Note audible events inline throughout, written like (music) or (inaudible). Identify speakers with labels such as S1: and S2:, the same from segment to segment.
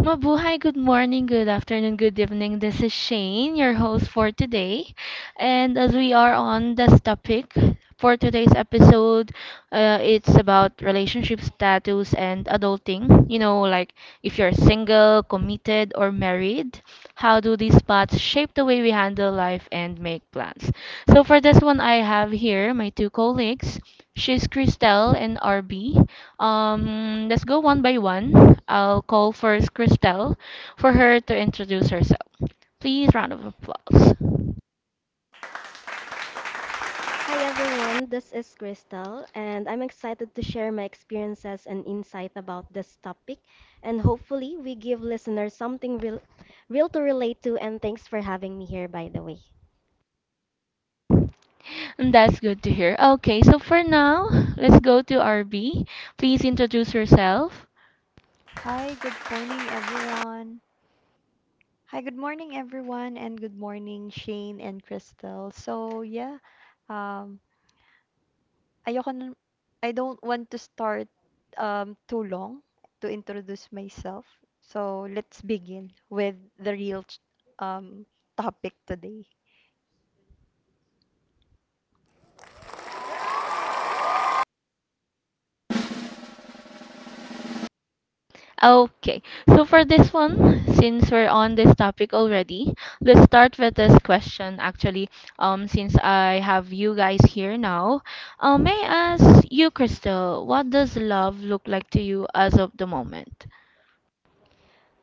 S1: Mabuhay, good morning, good afternoon, good evening. This is Shane, your host for today. And as we are on this topic for today's episode, it's about relationship status and adulting. You know, like if you're single, committed, or married, how do these paths shape the way we handle life and make plans? So for this one, I have here my two colleagues. She's Christelle and RB. Let's go one by one. I'll call first Christelle for her to introduce herself. Please, round of applause.
S2: Hi everyone, this is Crystal, and I'm excited to share my experiences and insight about this topic. And hopefully, we give listeners something real to relate to. And thanks for having me here, by the way.
S1: And that's good to hear. Okay, so for now, let's go to RB. Please introduce yourself.
S3: Hi, good morning, everyone. Hi, good morning, everyone, and good morning, Shane and Crystal. So, yeah, um, ayoko nun, I don't want to start too long to introduce myself. So, let's begin with the real um, topic today.
S1: Okay, so for this one, since we're on this topic already, let's start with this question. Actually, since I have you guys here now, may I ask you, Crystal, what does love look like to you as of the moment?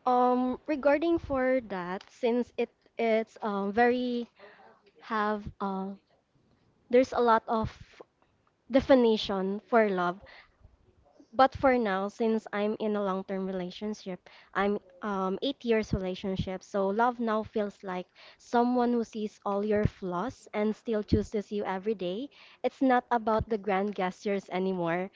S2: Regarding for that, since it's very, have, there's a lot of definition for love. But for now, since I'm in a long-term relationship, I'm 8 years relationship, so love now feels like someone who sees all your flaws and still chooses you every day. It's not about the grand gestures anymore,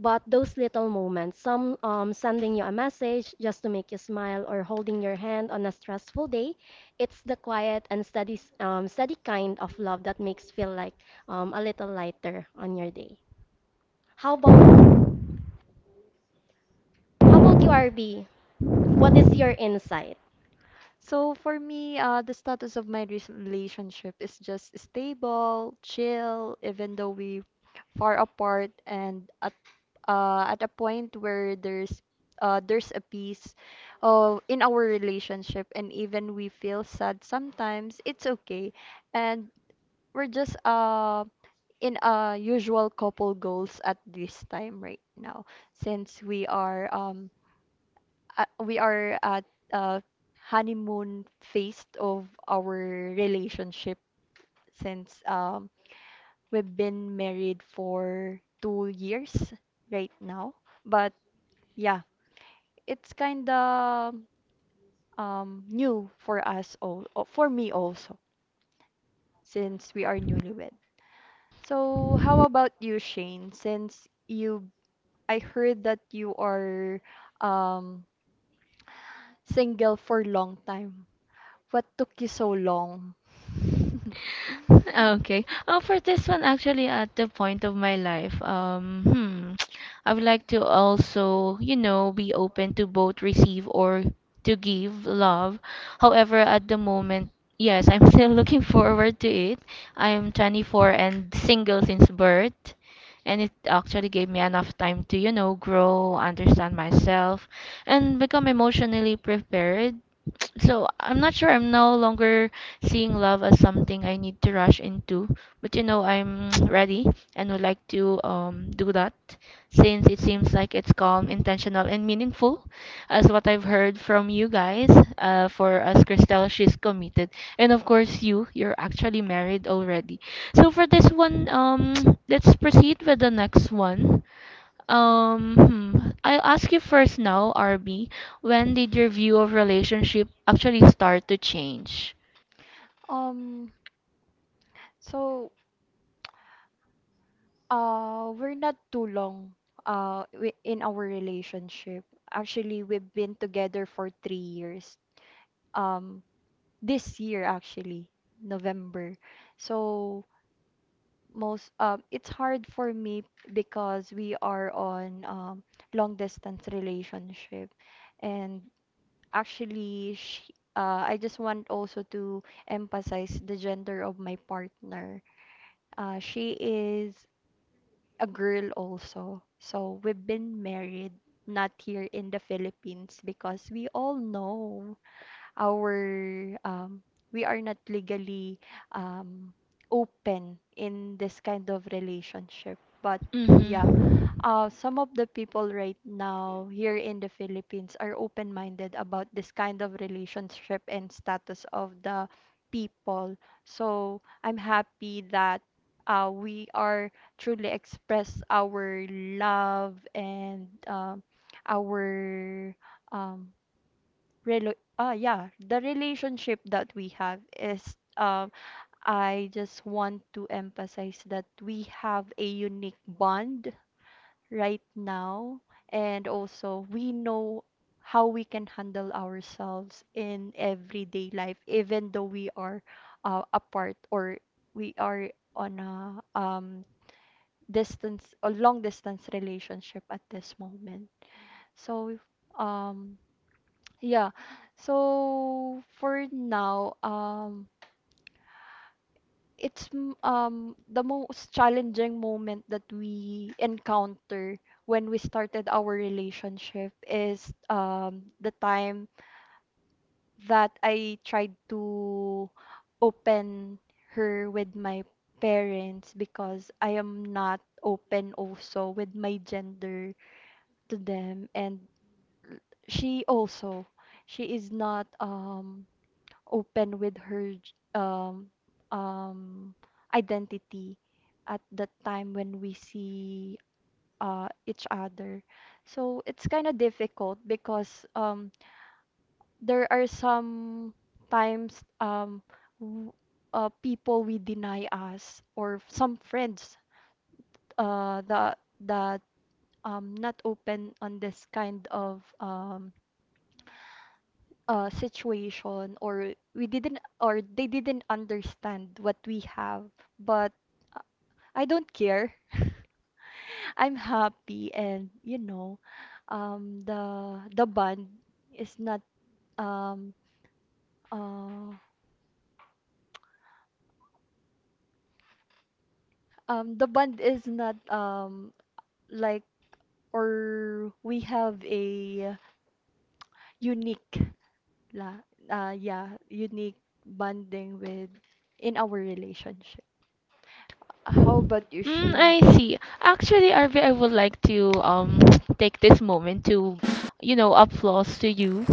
S2: but those little moments, some sending you a message just to make you smile or holding your hand on a stressful day. It's the quiet and steady kind of love that makes feel like a little lighter on your day. How about how about you, RB? What is your insight?
S3: So for me, the status of my relationship is just stable, chill, even though we far apart and at a point where there's a peace in our relationship, and even we feel sad sometimes, it's okay. And we're just in a usual couple goals at this time right now, since we are at uh, honeymoon phase of our relationship since we've been married for 2 years right now. But yeah, it's kind of new for us all, for me also, since we are newlywed. So how about you, Shane? Since you, I heard that you are um, single for a long time. What took you so long? (laughs)
S1: Okay. Oh, for this one, actually, at the point of my life, (tsk) I would like to also, you know, be open to both receive or to give love. However, at the moment, yes, I'm (laughs) still looking forward to it. I am 24 and single since birth, and it actually gave me enough time to, you know, grow, understand myself, and become emotionally prepared so I'm not sure I'm no longer seeing love as something I need to rush into, but you know I'm (tsk) ready and would like to do that since it seems like it's calm, intentional, and meaningful as what I've heard from you guys. Uh, for us, Christelle, she's committed, and of course you're actually married already. So for this one, (tsk) let's proceed with the next one. Um, hmm. I'll ask you first now, RB. When did your view of relationship actually start to change?
S3: Um, so we're not too long in our relationship. Actually, we've been together for 3 years. Um, this year actually, November. So most it's hard for me because we are on long distance relationship. And actually, I just want also to emphasize the gender of my partner. She is a girl also. So we've been married, not here in the Philippines, because we all know our um, we are not legally um, open in this kind of relationship. But yeah,
S1: Mm-hmm.
S3: some of the people right now here in the Philippines are open-minded about this kind of relationship and status of the people. So I'm happy that we are truly express our love, and our um, the relationship that we have is, I just want to emphasize that we have a unique bond right now, and also we know how we can handle ourselves in everyday life, even though we are apart, or we are on a long distance relationship at this moment. So um yeah. So for now, the most challenging moment that we encounter when we started our relationship is the time that I tried to open her with my parents, because I am not open also with my gender to them, and she also, she is not open with her um identity at that time when we see each other. So it's kind of difficult, because there are some times w- people we deny us, or some friends that not open on this kind of situation, or we didn't, or they didn't understand what we have. But uh, I don't care. (laughs) I'm happy, and the bond is not um uh Um, the bond is not um like, or we have a unique unique bonding with in our relationship. How about you,
S1: Mm,
S3: Shane?
S1: I see. Actually, RV, I would like to (tsk) take this moment to, you know, applause to you.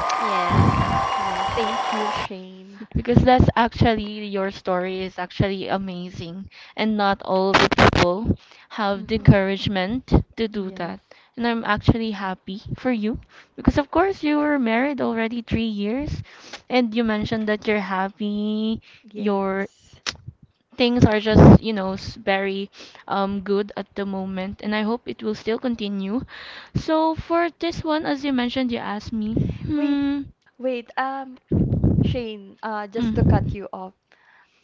S2: Yes.
S3: Wow, thank you, Shane.
S1: Because that's actually, your story is actually amazing, and not all the people have the
S3: Mhm.
S1: encouragement to do that,
S3: Yes.
S1: and I'm actually happy for you because of course you were married already 3 years and you mentioned that you're happy, you're
S3: Yes.
S1: things are just, you know, very good at the moment, and I hope it will still continue. So for this one, as you mentioned, you asked me.
S3: Wait, wait. Shane, just to cut
S1: Mm.
S3: you off.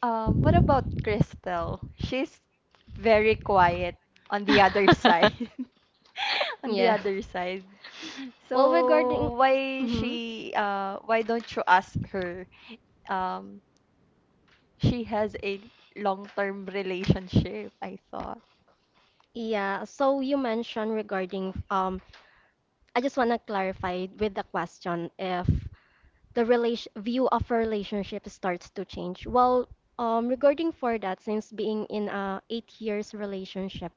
S3: What about Crystal? She's very quiet on the other side. (laughs) On the
S2: Yeah.
S3: other side.
S2: Well, regarding,
S3: So
S2: hmm.
S3: why don't you ask her? Um, she has a long-term relationship, I thought.
S2: Yeah, so you mentioned regarding I just want to clarify with the question if the relation view of a relationship starts to change. Well, regarding for that, since being in a 8 years relationship,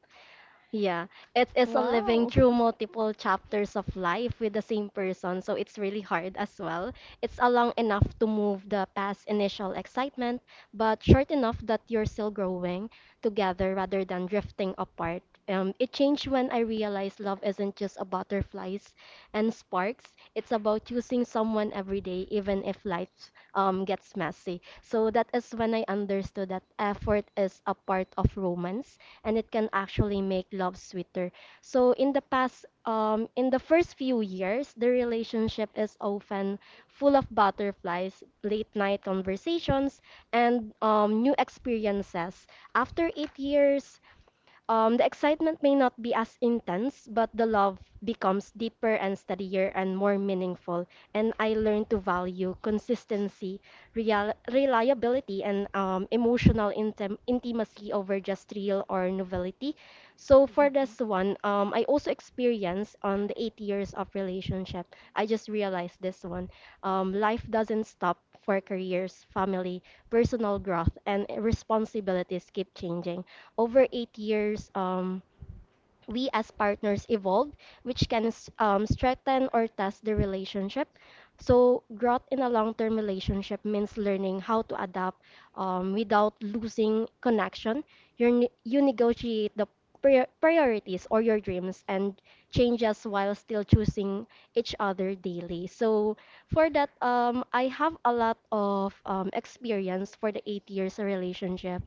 S2: yeah, it's a living
S3: Wow.
S2: through multiple chapters of life with the same person, so it's really hard as well. It's a long enough to move the past initial excitement, but short enough that you're still growing together rather than drifting apart. It changed when I realized love isn't just about butterflies and sparks. It's about choosing someone every day, even if life gets messy. So that is when I understood that effort is a part of romance and it can actually make love sweeter. So in the past, in the first few years, the relationship is often full of butterflies, late night conversations, and new experiences. After 8 years, the excitement may not be as intense, but the love becomes deeper and steadier and more meaningful. And I learned to value consistency, reliability, and emotional intimacy over just thrill or novelty. So for this one, I also experienced on the 8 years of relationship.
S3: (laughs)
S2: I just realized this one. Life doesn't stop for careers, family, personal growth, and responsibilities keep changing. Over 8 years, we as partners evolved, which can strengthen or test the relationship. So, growth in a long term relationship means learning how to adapt without losing connection. You negotiate the priorities or your dreams and changes while still choosing each other daily. So, for that, I have a lot of experience for the 8 years relationship,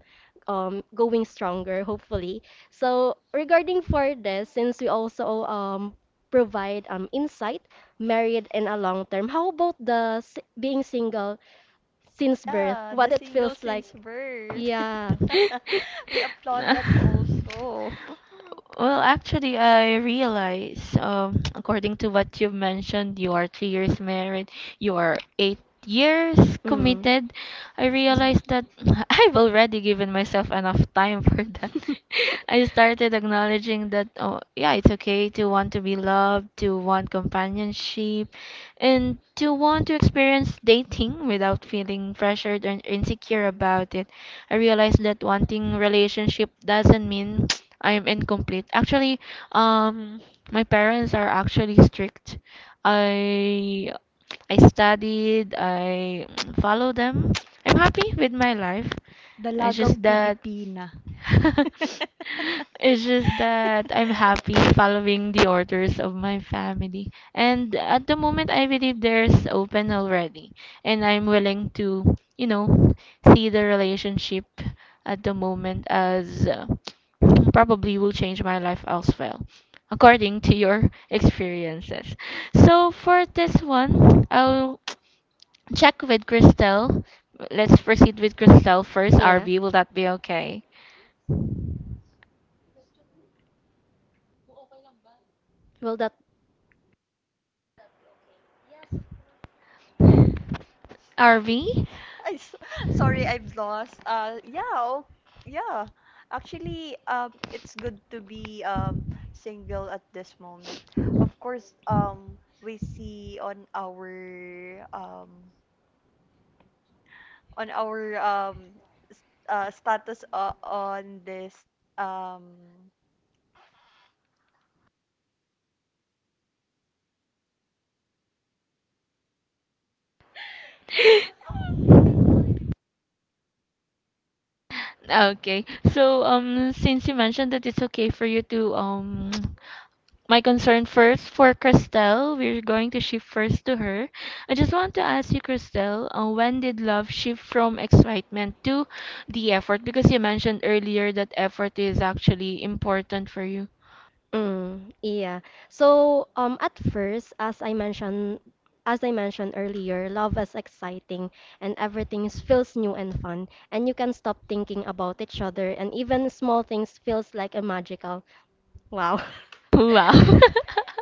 S2: going stronger, hopefully. So regarding for this, since we also provide insight, married and a long term, how about the being single since birth?
S3: Yeah,
S2: What
S3: the
S2: it
S3: single
S2: feels like?
S3: since birth.
S2: Yeah.
S3: (laughs) We applaud that
S1: (laughs) (laughs)
S3: also.
S1: Well, actually, I realize, (tsk) according to what you mentioned, you are 3 years married, you are 8 years
S2: Mm.
S1: committed. I
S2: Yeah.
S1: realized that (laughs) I've already given myself enough time for that. (laughs) I started acknowledging that, oh, yeah, it's okay to want to be loved, to want companionship, and to want to experience dating without feeling pressured and insecure about it. I realized that wanting relationship doesn't mean (tsk) I am incomplete. Actually, um, my parents are actually strict. I I studied, I (tsk) follow them. I'm happy with my life.
S3: (laughs)
S1: It's
S3: Dalagang
S1: just that
S3: Pilipina.
S1: (laughs) it's just that I'm happy following the orders of my family. And at the moment, I believe there's open already. And I'm willing to, you know, see the relationship at the moment as (tsk) probably will change my life as well, according to your (laughs) experiences. So for this one, I'll check with Christelle. Let's proceed with Christelle first.
S2: (laughs) Yeah.
S1: RV, will that be okay?
S2: Will that
S1: RV?
S3: I s- sorry, I've lost. Yeah, oh, yeah. Actually, it's good to be single at this moment. Of course, we see on um our status on this um
S1: Okay. So, since you mentioned that it's okay for you to, (tsk) my concern first for Christelle, we're going to shift first to her. I just want to ask you, Christelle, when did love shift from excitement to the effort? Because you mentioned earlier that effort is actually important for you.
S2: Mm, yeah. So, at first, as I mentioned earlier, love is exciting and everything feels new and fun, and you can stop thinking about each other, and even small things feels like a magical. Wow.
S1: Wow. (laughs)
S2: (laughs)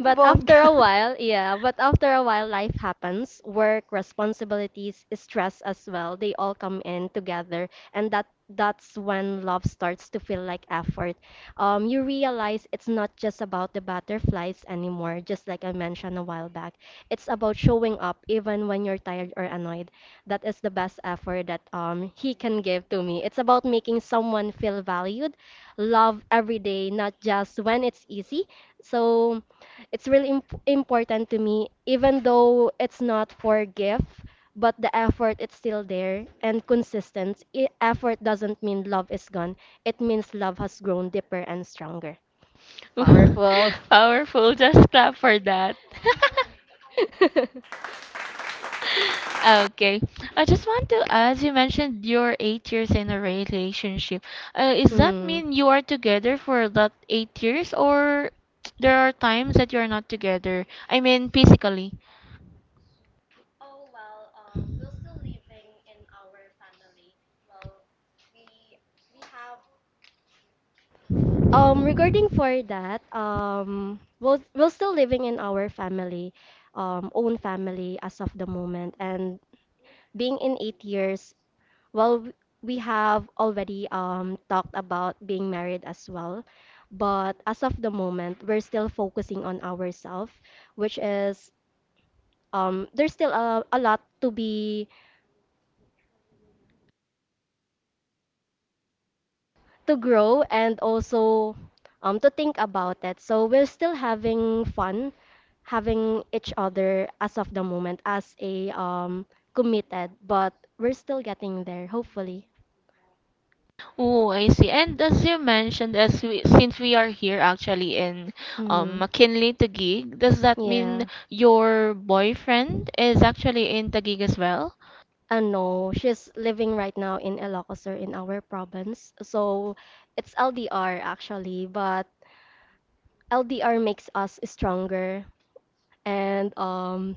S2: But
S3: bongga.
S2: after
S3: (laughs)
S2: a while, yeah, but after a while, life happens. Work, responsibilities, stress as well. They all come in together, and that's when love starts to feel like effort. You realize it's not just about the butterflies anymore, just like I mentioned a while back. It's about showing up even when you're tired or annoyed. That is the best effort that he can give to me. It's about making someone feel valued love every day, not just when it's easy. So it's really important to me, even though it's not for gift, but the effort it's still there and consistent. Effort doesn't mean love is gone. It means love has grown deeper and stronger. Powerful.
S1: (laughs) Powerful, just clap for that. (laughs)
S2: (laughs)
S1: Okay. I just want to ask, you mentioned you're 8 years in a relationship. Is that
S2: Mm.
S1: mean you are together for that 8 years, or there are times that you're not together? I mean, physically.
S2: Regarding for that, we're still living in our family, own family as of the moment, and being in 8 years. Well, we have already talked about being married as well, but as of the moment, we're still focusing on ourselves, which is there's still a lot to be, to grow, and also to think about it. So we're still having fun, having each other as of the moment as a committed, but we're still getting there, hopefully.
S1: Oh, I see. And as you mentioned, as we, since we are here actually in
S2: Mm.
S1: McKinley, Taguig, does that mean
S2: Yeah.
S1: your boyfriend is actually in Taguig as well?
S2: No, she's living right now in Ilocosur in our province. So it's LDR actually, but LDR makes us stronger. And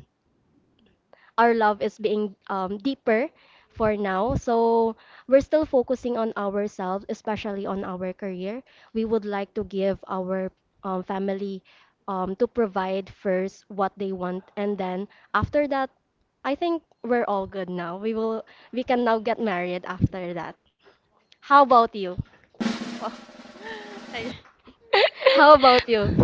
S2: our love is being deeper for now. So we're still focusing on ourselves, especially on our career. We would like to give our family, to provide first what they want, and then after that, I think we're all good now. We can now get married after that. How about you?
S3: Well, (laughs) I-
S2: (laughs) How about you?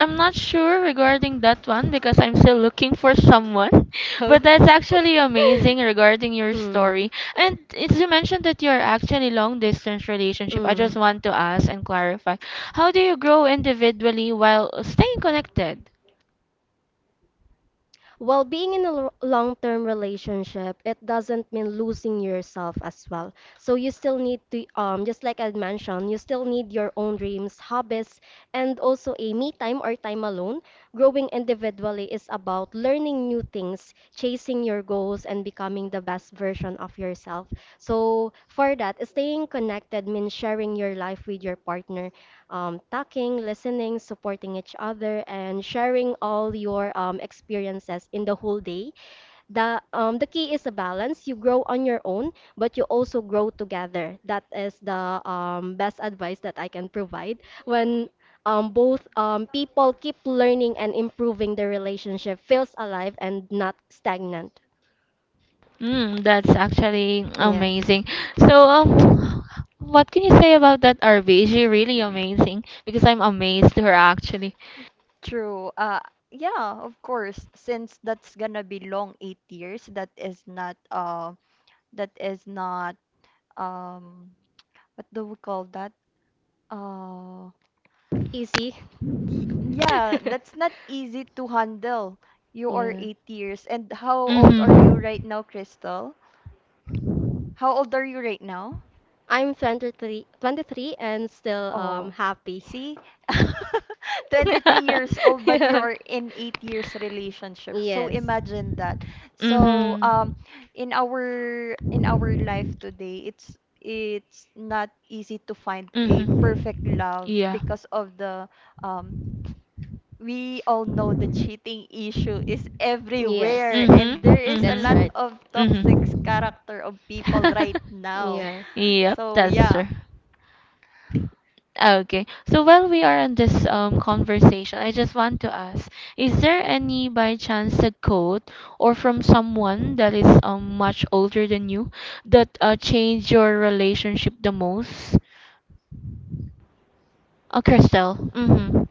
S1: I'm not sure regarding that one because I'm still looking for someone. (laughs)
S2: How-
S1: But that's
S2: (laughs)
S1: actually amazing regarding your
S2: Mm.
S1: story. And it's, you mentioned that you're actually long distance relationship. I just
S2: Mm.
S1: want to ask and clarify. How do you grow individually while staying connected?
S2: Well, being in a long term relationship, it doesn't mean losing yourself as well. So you still need to, just like I mentioned, you still need your own dreams, hobbies, and also a me time or time alone. Growing individually is about learning new things, chasing your goals, and becoming the best version of yourself. So for that, staying connected means sharing your life with your partner, talking, listening, supporting each other, and sharing all your experiences in the whole day. The key is a balance. You grow on your own, but you also grow together. That is the best advice that I can provide when. Both people keep learning and improving the relationship feels alive and not stagnant.
S1: Mm, that's actually
S2: Yeah,
S1: amazing. So, what can you say about that, RB? Is she really amazing? Because I'm amazed to her actually.
S3: true. Yeah, of course. Since that's gonna be long 8 years, that is not that is not um what do we call that? Uh
S2: easy.
S3: y yeah, that's not
S2: (laughs)
S3: easy to handle. You are
S2: Yeah,
S3: 8 years. And how old are you
S1: Mm-hmm.
S3: right now, Crystal? How old are you right now?
S2: I'm 23, 23 and still
S3: Oh,
S2: happy.
S3: see? (laughs) 23 years old,
S2: (laughs)
S1: (laughs)
S3: but you
S2: Yeah.
S3: are in 8 years relationship. So
S2: Yes.
S3: imagine that. So
S1: Mm-hmm.
S3: in our life today, it's not easy to find a perfect
S1: Mm-hmm.
S3: love,
S1: Yeah.
S3: because of the um we all know the cheating issue is
S2: Yes.
S3: everywhere,
S1: Mm-hmm.
S3: and there is a
S2: That's
S3: lot
S2: right.
S1: Mm-hmm.
S3: of toxic character of people right
S1: Mm-hmm.
S3: now.
S2: Yeah.
S1: (laughs) Yep,
S3: So
S1: that's
S3: yeah.
S1: true.
S3: (laughs)
S1: Okay. So while we are on this conversation, I just want to ask, is there any by chance a quote or from someone that is much older than you that changed your relationship the most? Crystal. Mm-hmm.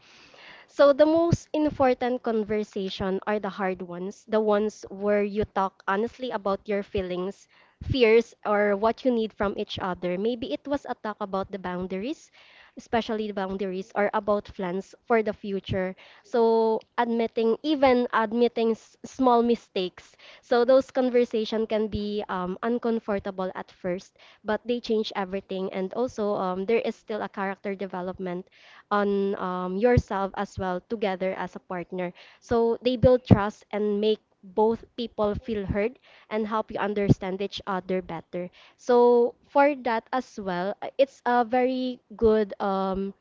S2: So the most important conversation are the hard ones, the ones where you talk honestly about your feelings, fears, or what you need from each other. Maybe it was a talk about the boundaries, especially the boundaries, or about plans for the future. So admitting, even admitting small mistakes. So those conversation can be uncomfortable at first, but they change everything. And also, there is still a character development on yourself as well together as a partner. So they build trust and make both people feel heard and help you understand each other better. So for that as well, it's a very good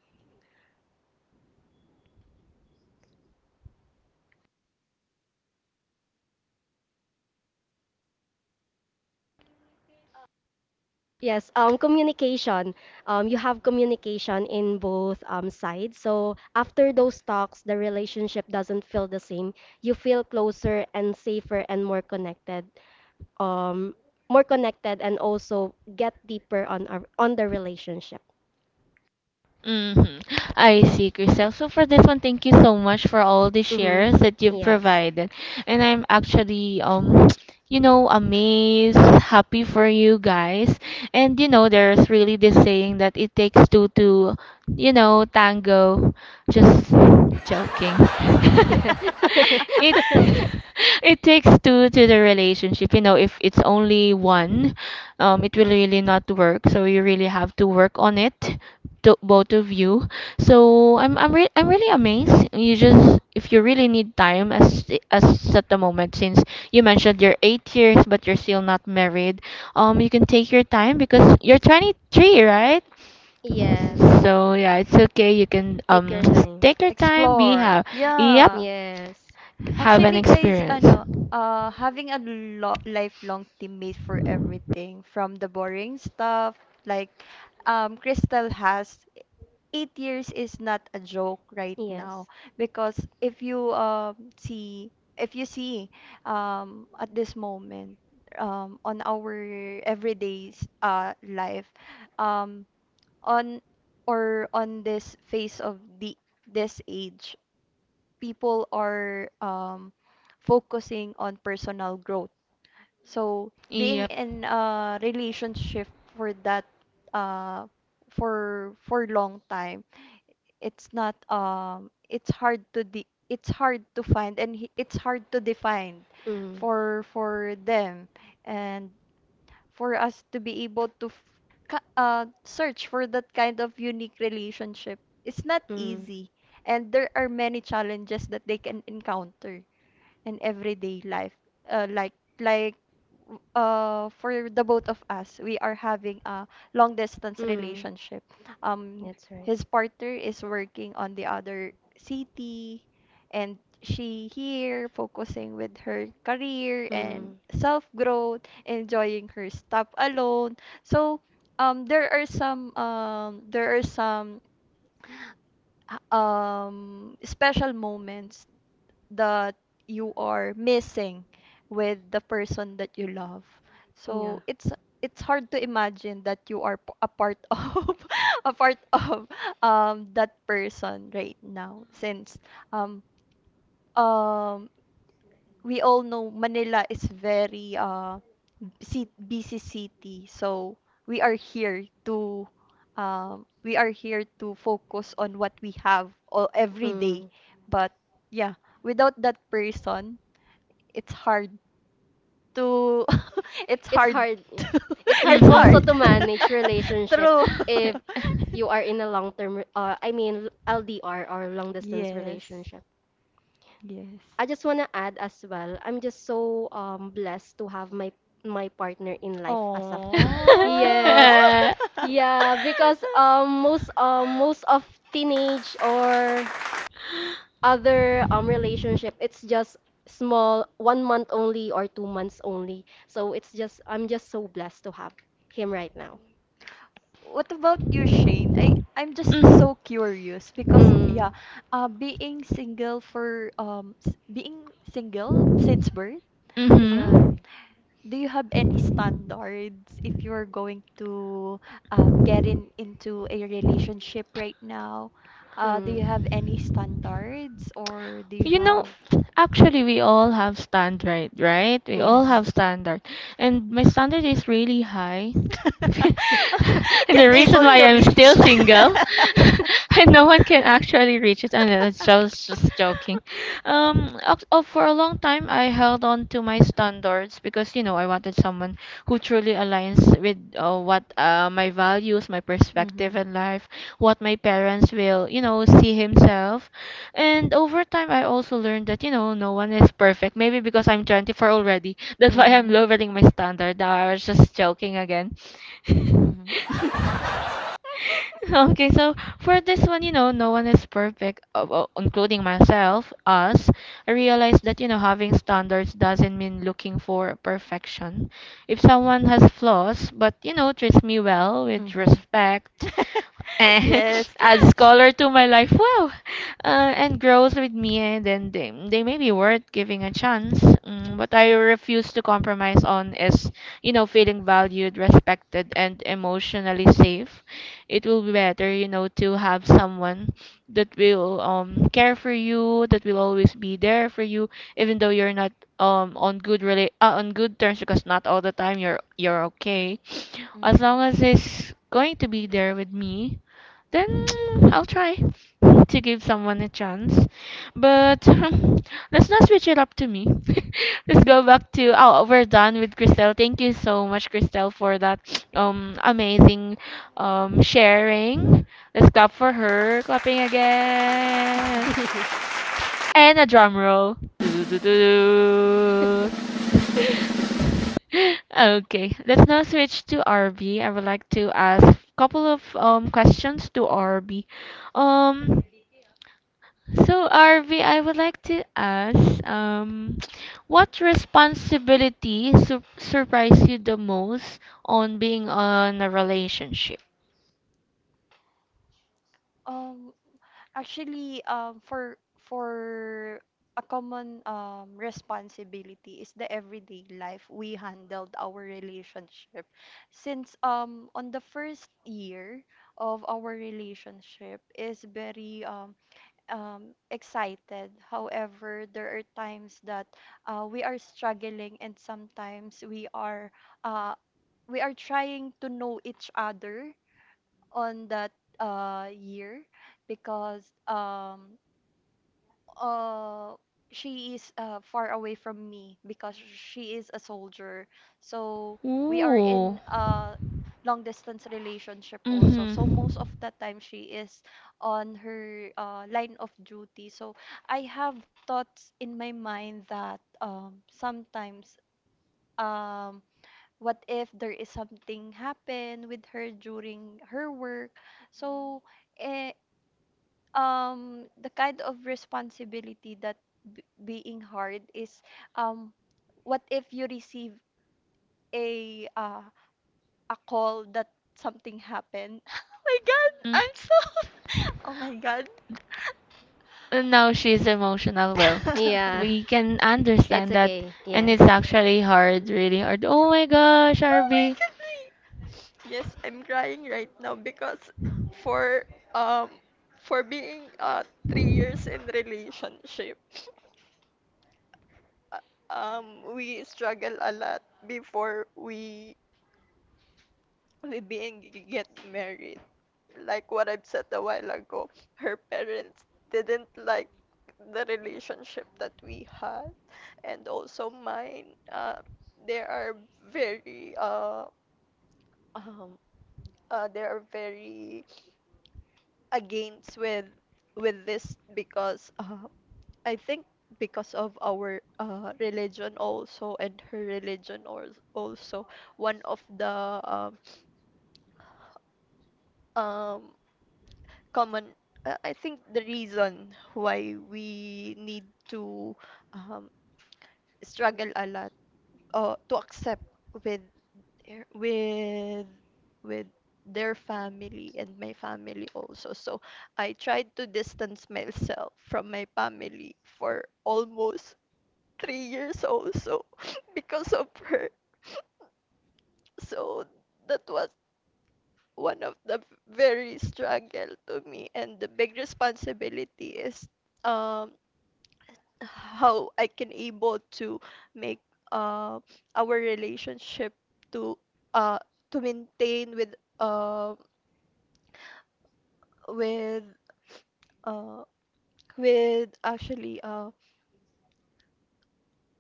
S2: yes, communication. You have communication in both sides. So after those talks, the relationship doesn't feel the same. You feel closer and safer and more connected. um, More connected and also get deeper on on the relationship.
S1: hmm I see, Chriselle. So for this one, thank you so much for all the
S2: Mm-hmm.
S1: shares that you've
S2: Yes.
S1: provided. And I'm actually (tsk) you know, amazed, happy for you guys. And you know there's really this saying that it takes two to, you know, tango. Just joking. (laughs) It
S2: (laughs)
S1: (laughs) it takes two to the relationship. You know, if it's only one, it will really not work. So you really have to work on it, to both of you. So I'm really amazed. You just, if you really need time as at the moment since you mentioned you're 8 years but you're still not married, you can take your time because you're 23, right?
S3: Yes.
S2: Yes.
S1: So yeah, it's okay. You can
S2: Take your
S1: (tsk)
S2: time.
S1: take your time. Be
S3: Explore.
S1: have Yep,
S3: Yeah.
S2: Yes.
S1: have an
S3: Actually, guys,
S1: experience.
S3: having a lifelong teammate for everything, from the boring stuff, like, Crystal has, 8 years is not a joke right now,
S2: Yes.
S3: because if you see at this moment, on our everyday life, um, on on this phase of the this age, people are focusing on personal growth. So being
S1: Yep.
S3: in a relationship for that uh, for long time, it's not it's hard to find, it's hard to define
S2: Mm.
S3: for them, and for us to be able to search for that kind of unique relationship. It's not
S2: Mm.
S3: easy, and there are many challenges that they can encounter in everyday life. Uh, like like, for the both of us, we are having a long distance
S2: Mm,
S3: relationship. Um,
S2: that's right.
S3: his partner is working on the other city, and she here focusing with her career and self growth, enjoying her stuff alone. So there are some, special moments that you are missing with the person that you love.
S2: Mm, yeah.
S3: So it's hard to imagine that you are a part (laughs) of a part of that person right now, since um um we all know Manila is very busy city. So we are here to we are here to focus on what we have all
S2: Mm.
S3: every day.
S2: Mm.
S3: But yeah, without that person, it's hard to (laughs) it's
S2: It's
S3: hard
S2: hard,
S3: to,
S2: yeah.
S3: (laughs)
S2: It's hard
S3: it's
S2: also
S1: Mhm.
S2: to
S3: hard.
S2: manage
S3: (laughs)
S2: relationship
S3: True. (laughs)
S2: if you are in a long-term, I mean LDR or long-distance
S3: Yes.
S2: relationship.
S3: Yes.
S2: I just want to add as well. I'm just so blessed to have my partner in life as of now.
S3: Oh.
S1: (laughs)
S2: Yes.
S1: (laughs)
S2: Yeah, because most of teenage or
S3: (laughs)
S2: other relationship it's just small 1 month only or 2 months only, so it's just I'm just so blessed to have him right now.
S3: What about you, Shane? I'm just
S1: Mm.
S3: so curious, because yeah,
S2: Mm.
S3: being single since birth,
S2: Yeah.
S3: um,
S1: Mm-hmm.
S3: do you have any standards if you're going to get in into a relationship right now? Do you
S2: Mm.
S3: have any standards or do you
S1: You know,
S3: have?
S1: actually, we all have standard, right? We all
S3: Mhm.
S2: Yes.
S1: have standard. And my standard is really high. (laughs)
S3: (laughs)
S1: And the
S3: Can't
S1: reason
S3: able
S1: why
S3: to
S1: I'm still
S3: reach.
S1: single, (laughs)
S3: (laughs)
S2: (laughs)
S1: and no one can actually reach it. And it's
S3: Um,
S1: just joking. Oh, for a long time, I held on to my standards you because you know I wanted someone who truly aligns with what my values, my perspective
S3: hmm.
S1: in life, what my parents will, you know, see himself. And over time, I also learned that you know no one is perfect. Maybe because I'm 24 already, that's why
S3: Mm-hmm.
S1: I'm lowering my standard. Now I was just joking again.
S3: Mm-hmm. (laughs)
S1: (laughs) Okay, so for this one, you know, no one is perfect, well, including myself, us. I realized that, you know, having standards doesn't mean looking for perfection. If someone has flaws, but, you know, treats me well with
S3: Mm-hmm.
S1: respect,
S3: (laughs) (laughs)
S1: eh,
S3: Yes.
S1: (laughs) adds
S3: (laughs) Sh-
S1: color to my life. Wow. And grows with me, and then they may be worth giving a chance. Mm, what I refuse to compromise on is, you know, feeling valued, respected, and emotionally safe. It will be better, you know, to have someone that will care for you, that will always be there for you, even though you're not on good on good terms because not all the time you're okay. As long as he's going to be there with me, then (tsk) I'll try to give someone a chance. But (laughs) let's not switch it up to me. (laughs) Let's go back to, oh, we're done with Christelle. Thank you so much, Christelle, for that (sniffs) amazing sharing. Let's clap for her. Clapping
S3: Mhm.
S1: again.
S3: (laughs)
S1: And a drum roll. Doo-doo-doo-doo. (laughs) Okay, let's now switch to RB. I would like to ask a couple of questions to RB. Um, so RB, I would like to ask (tsk) what responsibility surprised you the most on being on a relationship?
S3: Um, actually, for a common responsibility is the everyday life we handled our relationship. Since on the first year of our relationship is very excited. However, there are times that we are struggling, and sometimes uh, we are trying to know each other on that year, because uh, she is far away from me, because she is a soldier. So we are
S1: Ooh.
S3: in a long distance relationship also. So
S1: Mm-hmm.
S3: most of the time she is on her line of duty. So I have thoughts in my mind that sometimes, um, what if there is something happen with her during her work. So eh, the kind of responsibility that being hard is, um what if you receive a uh, a call that something happened. (laughs) Oh my God, I'm
S1: Mm-hmm.
S3: so. (laughs) Oh my God.
S1: No, she's emotional.
S3: (laughs)
S1: Well,
S3: Oh my
S2: Yeah.
S1: we can
S2: It's
S1: understand that,
S2: okay.
S1: and it's
S2: Yes.
S1: actually hard, really hard. Oh my gosh, Arby,
S3: God. Yes, I'm crying right now, because for um for being 3 years in relationship, (sniffs) we struggle a lot before we being get married. Like what I've said a while ago, her parents didn't like the relationship that we had, and also mine. They are very uh um they are very against with this, because, I think, because of our religion also, and her religion, or also one of the um, um common, I think the reason why we need to um, struggle a lot, to accept with their- with with their family, and my family also. So I tried to distance myself from my family for almost 3 years also, (laughs) because of her. So that was one of the very struggle to me, and the big responsibility is, um how I can able to make uh, our relationship to uh to maintain with uh with actually,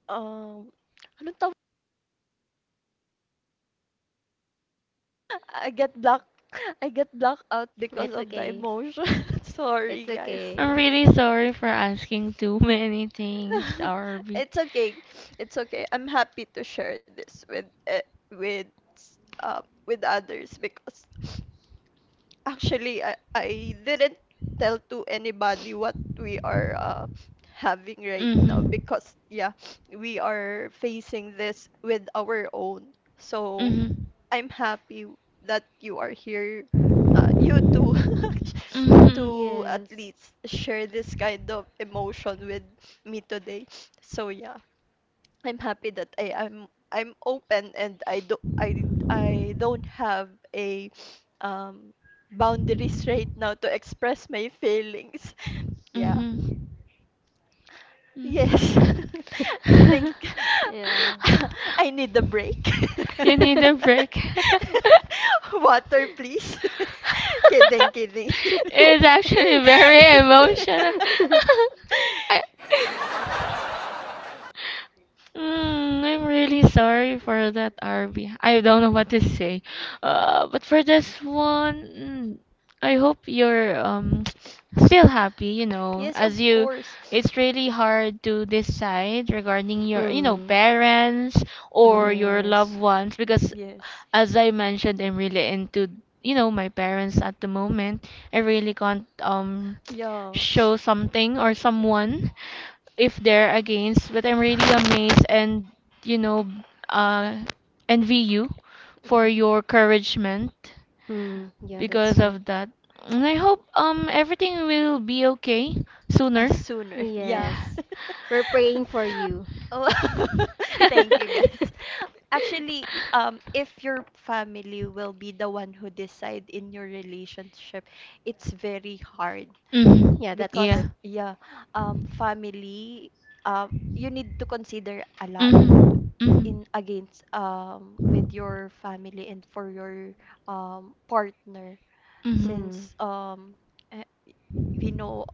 S3: um anong tawag. I get black (laughs) I get black out because
S2: It's
S3: of the
S2: okay.
S3: emotion. (laughs) Sorry,
S2: It's
S3: guys.
S1: I'm
S2: okay.
S1: really sorry for asking too (laughs) many things,
S3: (laughs)
S1: Arby.
S3: It's okay. It's okay. I'm happy to share this with with others, because actually, I didn't tell to anybody what we are having right now,
S1: Mhm.
S3: because yeah, we are facing this with our own. So
S1: Mhm.
S3: I'm happy that you are here, you too, (laughs)
S1: Mhm.
S3: to at
S2: Yes.
S3: least share this kind of emotion with me today. So yeah. I'm happy that I'm open, and I do I don't have a um boundaries right now to express my feelings. (laughs) Yeah.
S1: Mm-hmm.
S3: Yes.
S1: Mm.
S2: (laughs)
S3: (laughs) I think.
S1: (laughs)
S2: Yeah.
S3: (laughs) I need a break. (laughs)
S1: You need a break. (laughs)
S2: (laughs)
S3: Water, please. (laughs) Kidding,
S1: (laughs)
S3: kidding.
S1: It's actually
S3: (laughs)
S1: very emotional. (laughs) I, I'm really sorry for that, Arby. I don't know what to say. But for this one, mm, I hope you're (tsk) still happy, you know,
S3: Yes, of
S1: as you,
S3: course.
S1: it's really hard to decide regarding your, you know,
S2: Mm,
S1: parents or
S3: Mhm.
S1: your loved
S2: yes.
S1: ones because
S3: Yes.
S1: as I mentioned, I'm really into, you know, my parents at the moment. I really can't
S3: Yeah.
S1: show something or someone if they're against, but I'm really amazed and, you know, uh envy you for your encouragement
S3: Mm.
S2: Mm, yeah, that's
S1: because
S2: right.
S1: of that. And I hope everything will be okay sooner.
S3: Sooner,
S1: (laughs)
S3: yeah.
S2: Yes. We're
S3: (laughs)
S2: praying for you.
S3: Oh, (laughs) thank you guys.
S2: (laughs)
S3: Actually, if your family will be the one who decide in your relationship, it's very hard
S1: Mhm.
S2: Yeah, that's
S1: Yeah.
S3: because
S2: true.
S3: yeah, family, you need to consider a lot
S1: Mhm. Mhm.
S3: in against with your family and for your partner
S1: Mhm.
S2: Mm,
S3: since eh, we know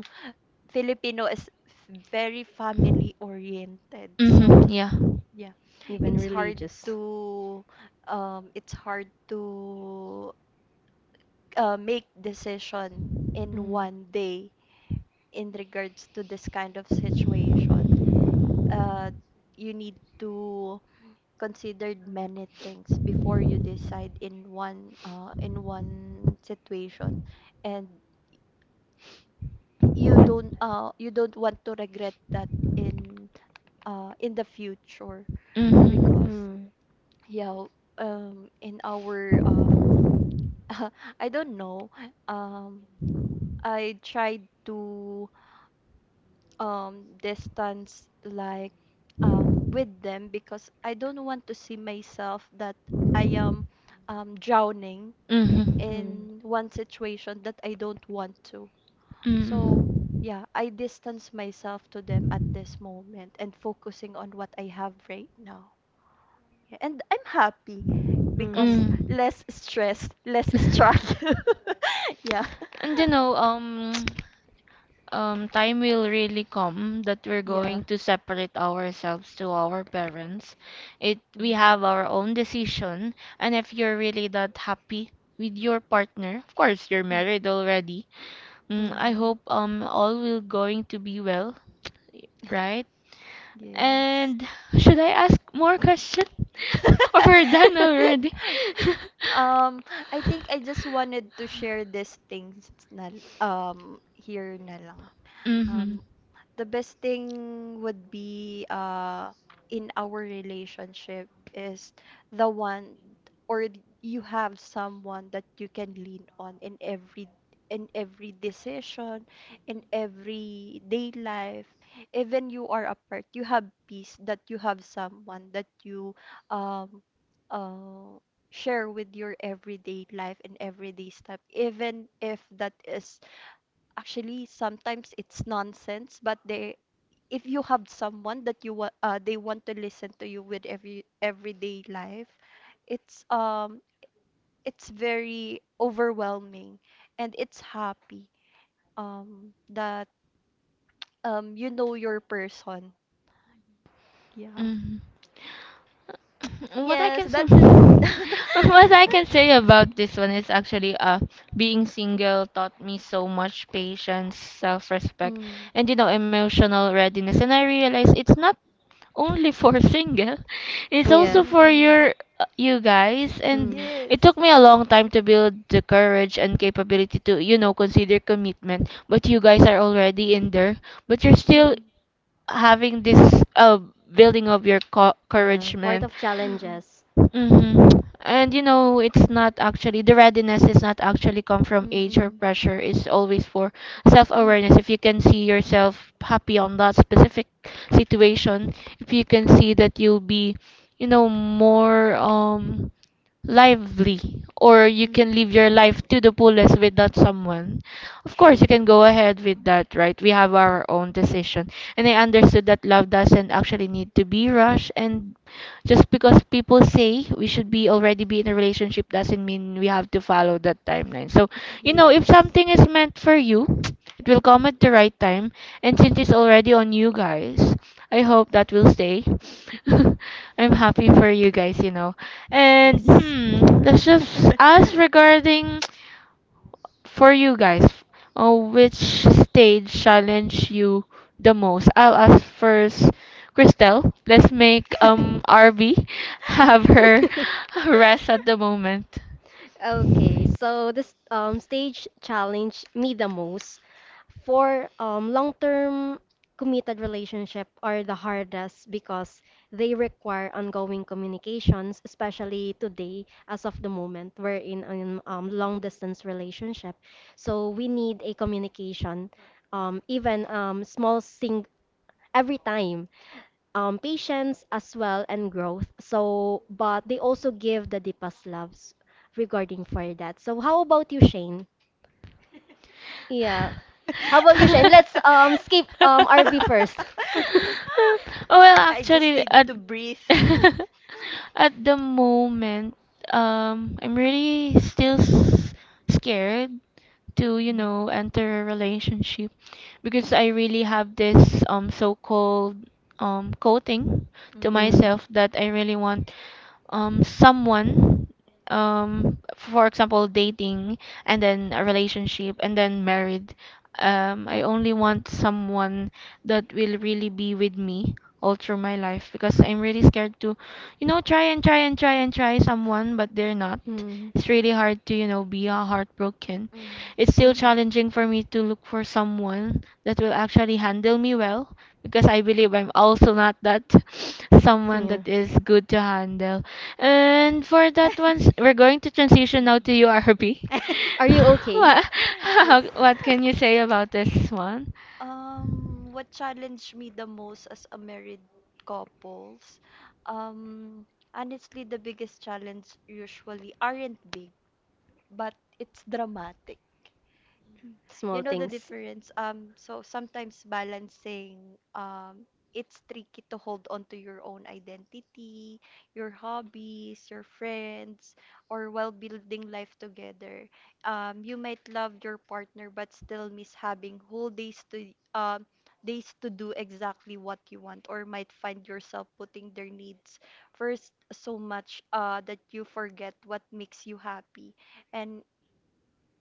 S3: (laughs) Filipino is very family oriented,
S1: Mhm.
S3: so
S1: Yeah.
S3: yeah,
S2: even
S3: it's hard
S2: religious.
S3: to it's hard to make decision in
S2: Mm,
S3: one day in regards to this kind of situation. uh you need to considered many things before you decide in one situation, and you don't want to regret that in in the future
S1: Mhm.
S3: because
S2: mm,
S3: yeah, in our (laughs) I don't know, um I tried to distance like with them because I don't want to see myself that I am drowning
S1: Mhm.
S2: mm,
S3: in one situation that I don't want to. So,
S1: Mhm.
S3: yeah, I distance myself to them at this moment and focusing on what I have right now. Yeah, and I'm happy because
S1: Mhm.
S3: less stress, less
S1: (laughs)
S3: struggle. (laughs) Yeah.
S1: And you know, time will really come that we're
S3: Yeah.
S1: going to separate ourselves to our parents. It We
S3: Mhm.
S1: have our own decision, and if you're really that happy with your partner, of course you're married already.
S3: Mm.
S1: Mm, I
S3: Mhm.
S1: hope all will going to be well, right?
S3: Yes.
S1: And should I ask more question, (laughs) or we're done
S3: (laughs)
S1: already?
S2: mm. (laughs)
S1: (laughs)
S3: I think I just wanted to share these things. Na, here na lang. Um,
S1: mm-hmm.
S3: the best thing would be in our relationship is the one, or you have someone that you can lean on in every decision, in every day life, even you are apart, you have peace that you have someone that you um uh share with your everyday life and everyday step, even if that is actually sometimes it's nonsense, but they, if you have someone that you want they want to listen to you with everyday life, it's um it's very overwhelming, and it's happy that you know your person. Yeah.
S1: Mm-hmm. (laughs) What I
S3: Yes,
S1: can say, (laughs)
S3: that's it.
S1: what I can say
S3: (laughs)
S1: about this one is actually being single taught me so much patience, self-respect,
S3: Mm.
S1: and emotional readiness. And I realize it's not only for (laughs) single, it's
S2: Yeah.
S1: also for
S3: Mm-mm.
S1: your you guys. And
S2: Mm.
S1: it
S3: Yes.
S1: took
S3: Mm-mm.
S1: me a long time to build the courage and capability to consider commitment. But you guys are already in there, but you're
S3: Mm-mm.
S1: still
S3: Mm-mm. Mm.
S1: having this uh building of your
S2: Yeah. Part
S1: couragement.
S2: of challenges.
S1: Mm-hmm. And you know, it's not actually the readiness is not actually come from age or pressure. It's always for self-awareness. If you can see yourself happy on that specific situation, if you can see that you'll be, you know, more lively, or you can live your life to the fullest with that someone. Of course, you can go ahead with that, right? We have our own decision. And I understood that love doesn't actually need to be rushed, and just because people say we should be already be in a relationship doesn't mean we have to follow that timeline. So,
S3: Mm.
S1: you know,
S3: True.
S1: if something is meant for you,
S3: Yes.
S1: (tsk) it will come at the right time. And since it's already on you guys, I hope that will stay. (laughs) I'm happy for you guys, you know. And
S3: Yes.
S1: hmm, that's just
S3: (laughs)
S1: us regarding for you guys, which stage challenge you the most? I'll ask first, Christelle. Let's make RB have her
S2: (laughs)
S1: (laughs) rest at the moment.
S2: Okay, so this stage challenged me the most. For long-term committed relationship are the hardest because they require ongoing communications, especially today as of the moment we're in a long-distance relationship. So we need a communication, even small sing every time, patience as well and growth. So, but they also give the deepest loves regarding for that. So, how about you, Shane? Yeah. How
S1: (laughs)
S2: about you,
S1: Oh,
S2: Shane? Let's skip RV first.
S1: well,
S3: I just
S1: actually,
S3: need to breathe.
S1: (laughs) at the moment, I'm really still scared to, you know, enter a relationship because I really have this so-called
S2: (laughs)
S1: coating to
S3: Mhm.
S2: Mm.
S1: myself that I really want someone, for example, dating and then a relationship and then married. I only want someone that will really be with me all through my life because I'm really scared to, you know, try and try and try and try someone but they're not.
S2: Mm.
S1: It's really hard to, you know, be heartbroken.
S3: Mhm.
S1: It's still
S3: Mhm. Mhm.
S1: challenging for me to look for someone that will actually handle me well because I believe I'm also not that (sniffs) someone
S2: Yeah.
S1: that is good to handle. And for that one, we're going
S3: (laughs)
S1: to transition now to URB. (laughs)
S2: Are you okay? (laughs)
S1: what, (laughs)
S3: Yes.
S1: how, what can you say about this one?
S3: What challenged me the most as a married couples? Um, Honestly, the biggest challenge usually aren't big, but it's dramatic. (laughs) You
S2: Small
S3: know the
S2: things.
S3: difference. So sometimes balancing, it's tricky to hold on to your own identity, your hobbies, your friends, or while building life together. You might love your partner but still miss having whole days to do exactly what you want, or might find yourself putting their needs first so much that you forget what makes you happy. And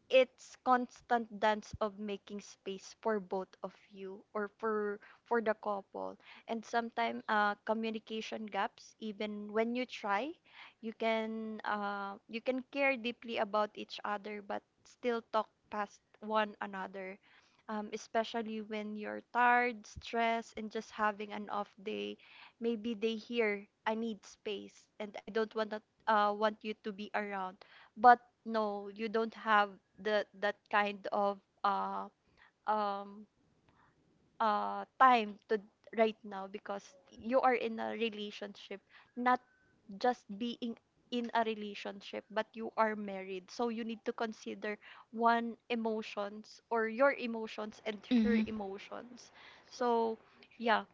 S3: it's constant dance of making space for both of you, or for the couple, and sometimes communication gaps even when you try, you can care deeply about each other but still talk past one another, especially when you're tired stressed and just having an off day. Maybe they hear I need space and I don't want to, want you to be around, but no, you don't have the that kind of um time to right now because you are in a relationship, not just being in a relationship, but you are married. So you need to consider one emotions or your emotions and
S1: Mm-hmm.
S3: her emotions. So yeah,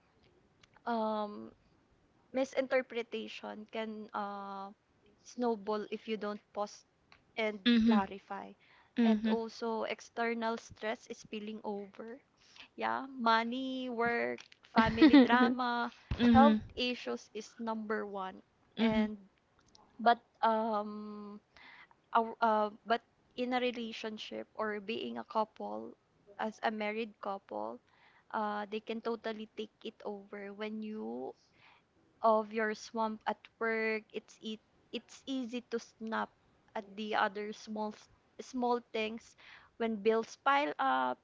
S3: um misinterpretation can snowball if you don't pause and
S1: Mm-hmm.
S3: clarify. And
S1: Mm-hmm.
S3: also, external stress is spilling over. Yeah, money, work,
S1: (laughs)
S3: family
S1: Mm-hmm.
S3: drama,
S1: Mm-hmm.
S3: health issues is number one.
S1: Mm-hmm.
S3: And but um but in a relationship, or being a couple as a married couple, they can totally take it over when you of your swamp at work, it's easy to snap at the other small things. When bills pile up,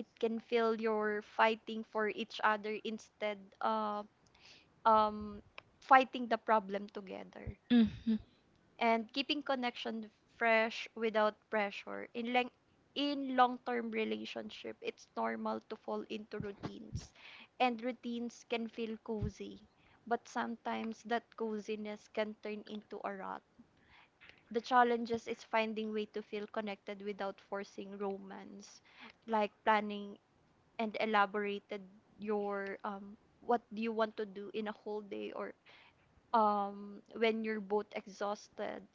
S3: it can feel you're fighting for each other instead of um fighting the problem together, and keeping connection fresh without pressure. In in long-term relationship, it's normal to fall into routines, and routines can feel cozy, but sometimes that coziness can turn into a rut. The challenges is finding way to feel connected without forcing romance, like planning and elaborated your what do you want to do in a whole day, or when you're both exhausted.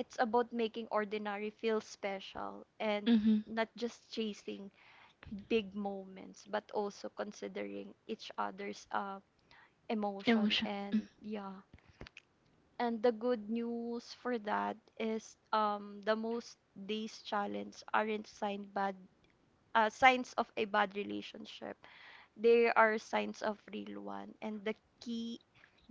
S3: It's about making ordinary feel special and
S1: Mm-hmm.
S3: not just chasing big moments, but also considering each other's emotion
S1: Emotion.
S3: and yeah. And the good news for that is the most days challenge aren't signed bad, signs of a bad relationship. They are signs of real one, and the key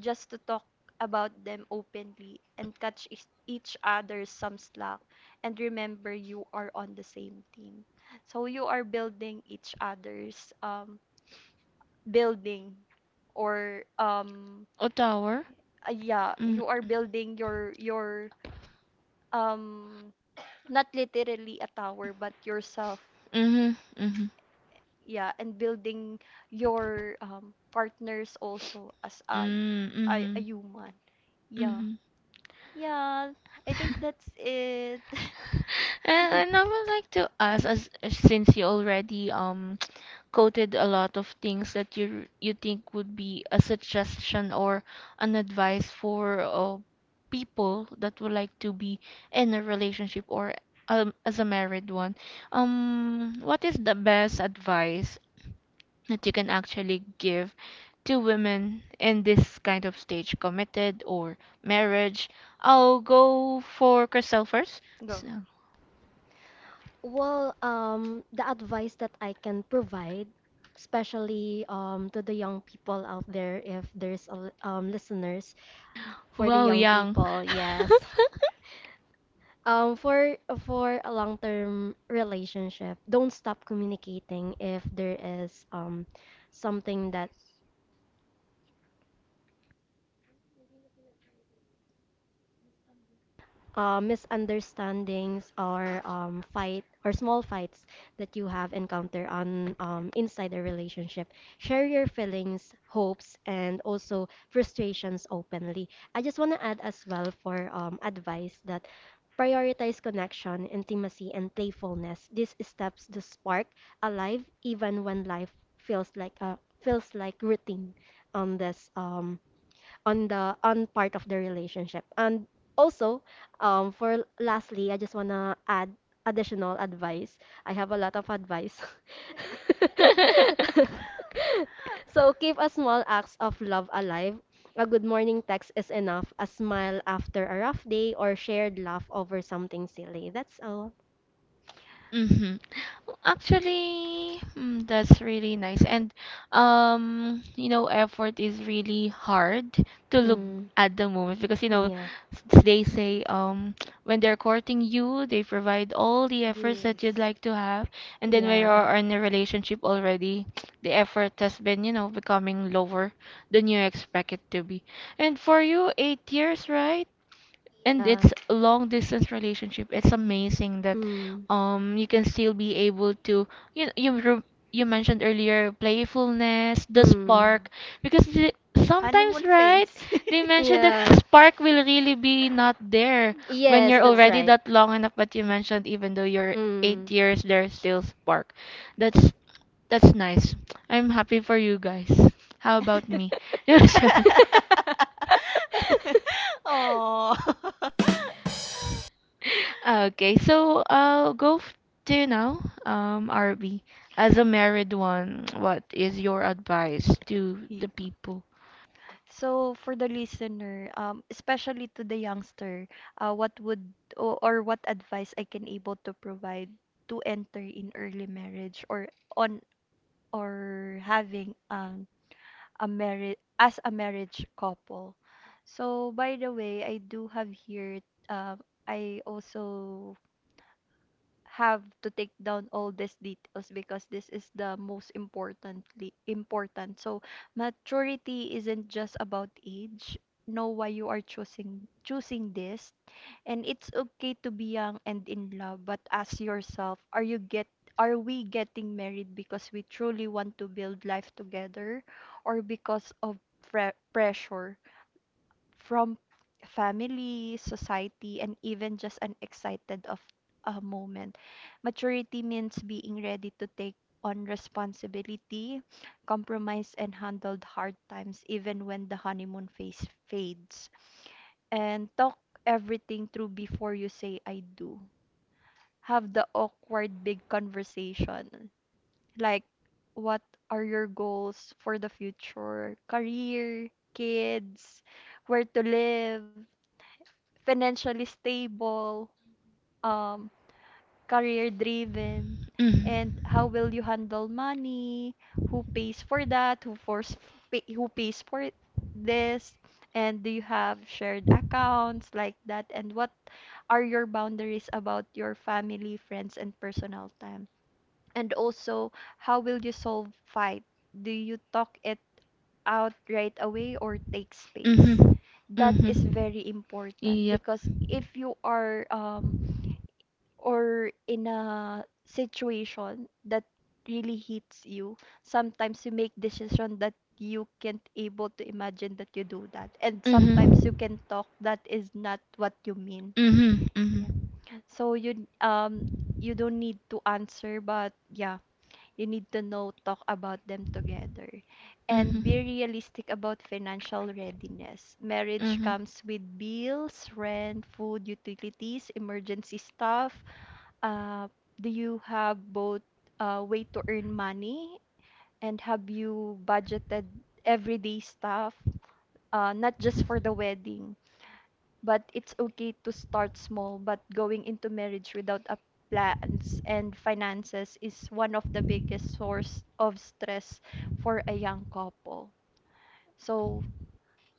S3: just to talk about them openly and catch each other some slack, and remember you are on the same team, so you are building each other's, building, or
S1: A tower?
S3: yeah,
S1: Mm.
S3: you are building your um not literally a tower, but yourself,
S1: Mm-hmm. Mm-hmm.
S3: yeah, and building your partners also as a, a
S1: Mm-hmm.
S3: a human, yeah.
S1: Mm-hmm.
S3: Yeah, I think that's
S1: (laughs)
S3: it.
S1: And,
S3: (laughs)
S1: and I would like to ask, as since you already quoted a lot of things that you think would be a suggestion or an advice for people that would like to be in a relationship or, as a married one. What is the best advice that you can actually give to women in this kind of stage, committed or marriage? I'll go for Crystal first.
S3: Go.
S1: So,
S2: Well, the advice that I can provide, especially to the young people out there, if there's listeners for the
S1: wow,
S2: young
S1: young.
S2: people, yes. (laughs) Um, for for a long-term relationship, don't stop communicating if there is something that, misunderstandings or fight or small fights that you have encountered on, inside a relationship. Share your feelings, hopes, and also frustrations openly. I just want to add as well for advice that prioritize connection, intimacy, and playfulness. These steps to spark alive even when life feels like routine on this, on the on part of the relationship, and also for lastly I just want to add additional advice. I have a lot of advice.
S1: (laughs)
S2: (laughs) So keep a small acts of love alive. A good morning text is enough, a smile after a rough day, or shared laugh over something silly. That's all.
S1: Mm-hmm. Actually, mm, that's really nice. And you know, effort is really hard to look
S2: Mm,
S3: Mhm.
S1: at the moment because you know
S2: yeah.
S1: they say when they're courting you, they provide all the efforts that you'd
S3: Yes.
S1: like to have, and then when
S2: Yeah.
S1: you're in a relationship already, (tsk) the effort has been, you know, becoming lower than you expect it to be. And for you, 8 years, right? And
S2: Uh,
S1: it's a long distance relationship. It's amazing that
S2: mm.
S1: you can still be able to you you mentioned earlier playfulness, the
S2: Mm.
S1: spark,
S3: Mhm.
S1: because the, sometimes
S3: Honeymoon
S1: right
S3: phase.
S1: they
S3: (laughs)
S1: mentioned that the
S2: Yeah.
S1: spark will really be not there when
S2: Yes,
S1: you're
S3: True.
S2: that's
S1: already
S2: right.
S1: that long enough, but you mentioned even though you're eight
S2: Mm.
S1: years there's still spark.
S3: (laughs)
S1: that's that's nice. I'm happy for you guys. How about me? (laughs) Yeah,
S2: (laughs)
S1: sure.
S3: Oh.
S1: Okay, so go f to now, RB. As a married one, what is your advice to
S3: Ye-
S1: the people?
S3: So for the listener, especially to the youngster, what would or what advice I can able to provide to enter in early marriage, or on, or having a marriage as a marriage couple. So by the way, I do have here, um I also have to take down all these details because this is the most importantly important. So maturity isn't just about age. Know why you are choosing this, and it's okay to be young and in love, but ask yourself, are we getting married because we truly want to build life together, or because of pressure from family, society, and even just an excited of a moment. Maturity means being ready to take on responsibility, compromise, and handle hard times even when the honeymoon phase fades, and talk everything through before you say I do. Have the awkward big conversation. Like, what are your goals for the future? Career, kids, where to live, financially stable, um, career driven, and how
S1: Mhm.
S3: will you handle money? Who pays for that? Who pays for this? And do you have shared accounts like that? And what are your boundaries about your family, friends, and personal time? And also, how will you solve fight? Do you talk it out right away, or take space?
S1: Mhm.
S3: That
S1: Mhm.
S3: is very important
S1: Yep.
S3: because if you are or in a situation that really hits you, sometimes you make decision that you can't able to imagine that you do that. And
S1: Mhm.
S3: sometimes you can talk that is not what you mean.
S1: Mhm. Mhm.
S3: Yeah. So you don't need to answer, but yeah, you need to know talk about them together,
S1: Mhm.
S3: and be
S1: Mhm.
S3: realistic about financial readiness. Marriage comes with bills, rent, food, utilities, emergency stuff. Uh, do you have both way to earn money, and have you budgeted everyday stuff, not just for the wedding? But it's okay to start small, but going into marriage without a plans and finances is one of the biggest source of stress for a young couple, so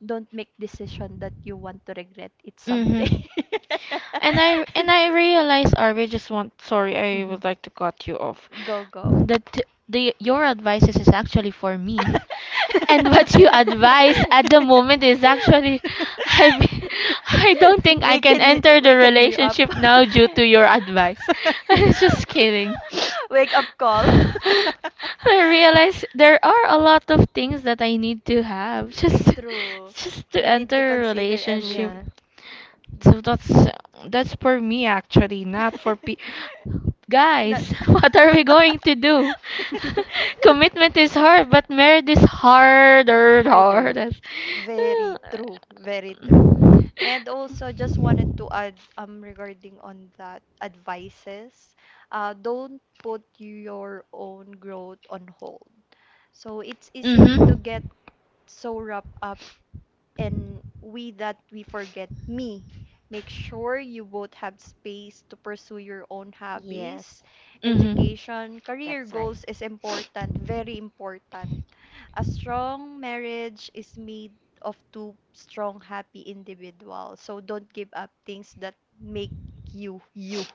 S3: don't make decision that you want to regret it someday.
S1: Okay.
S3: (laughs)
S1: And I realize, Arby, just want sorry, I
S3: Mhm.
S1: would like to cut you off.
S3: Go, go.
S1: That
S3: (laughs)
S1: the your advices is actually for me. (laughs) And what you advise at the moment is actually I (laughs) I don't think I can enter the
S3: Waken you up.
S1: relationship now due to your advice. (laughs) I'm just kidding. (laughs)
S3: (laughs) Wake up call. (laughs)
S1: I realize there are a lot of things that I need to have (laughs)
S3: True.
S1: just to
S3: You need to
S1: enter a
S3: consider
S1: relationship,
S2: Yeah.
S3: everything.
S1: so that's for me actually, not for pe
S3: (laughs) Not.
S1: Guys, (laughs) what are we going to do?
S2: (laughs)
S1: (laughs) Commitment is hard, but marriage is harder,
S2: Harder.
S1: hardest.
S3: Very true, very true.
S1: (sighs)
S3: And also, just wanted to add regarding on that advices, don't put your own growth on hold. So it's easily
S1: Mm-hmm.
S3: to get
S1: Mm-hmm.
S3: so wrapped up, and we forget me. Make sure you both have space to pursue your own hobbies.
S2: Yes,
S1: Mm-hmm.
S3: Education, career
S2: that's right.
S3: goals is important, very important. A strong marriage is made of two strong, happy individuals. So don't give up things that make you you,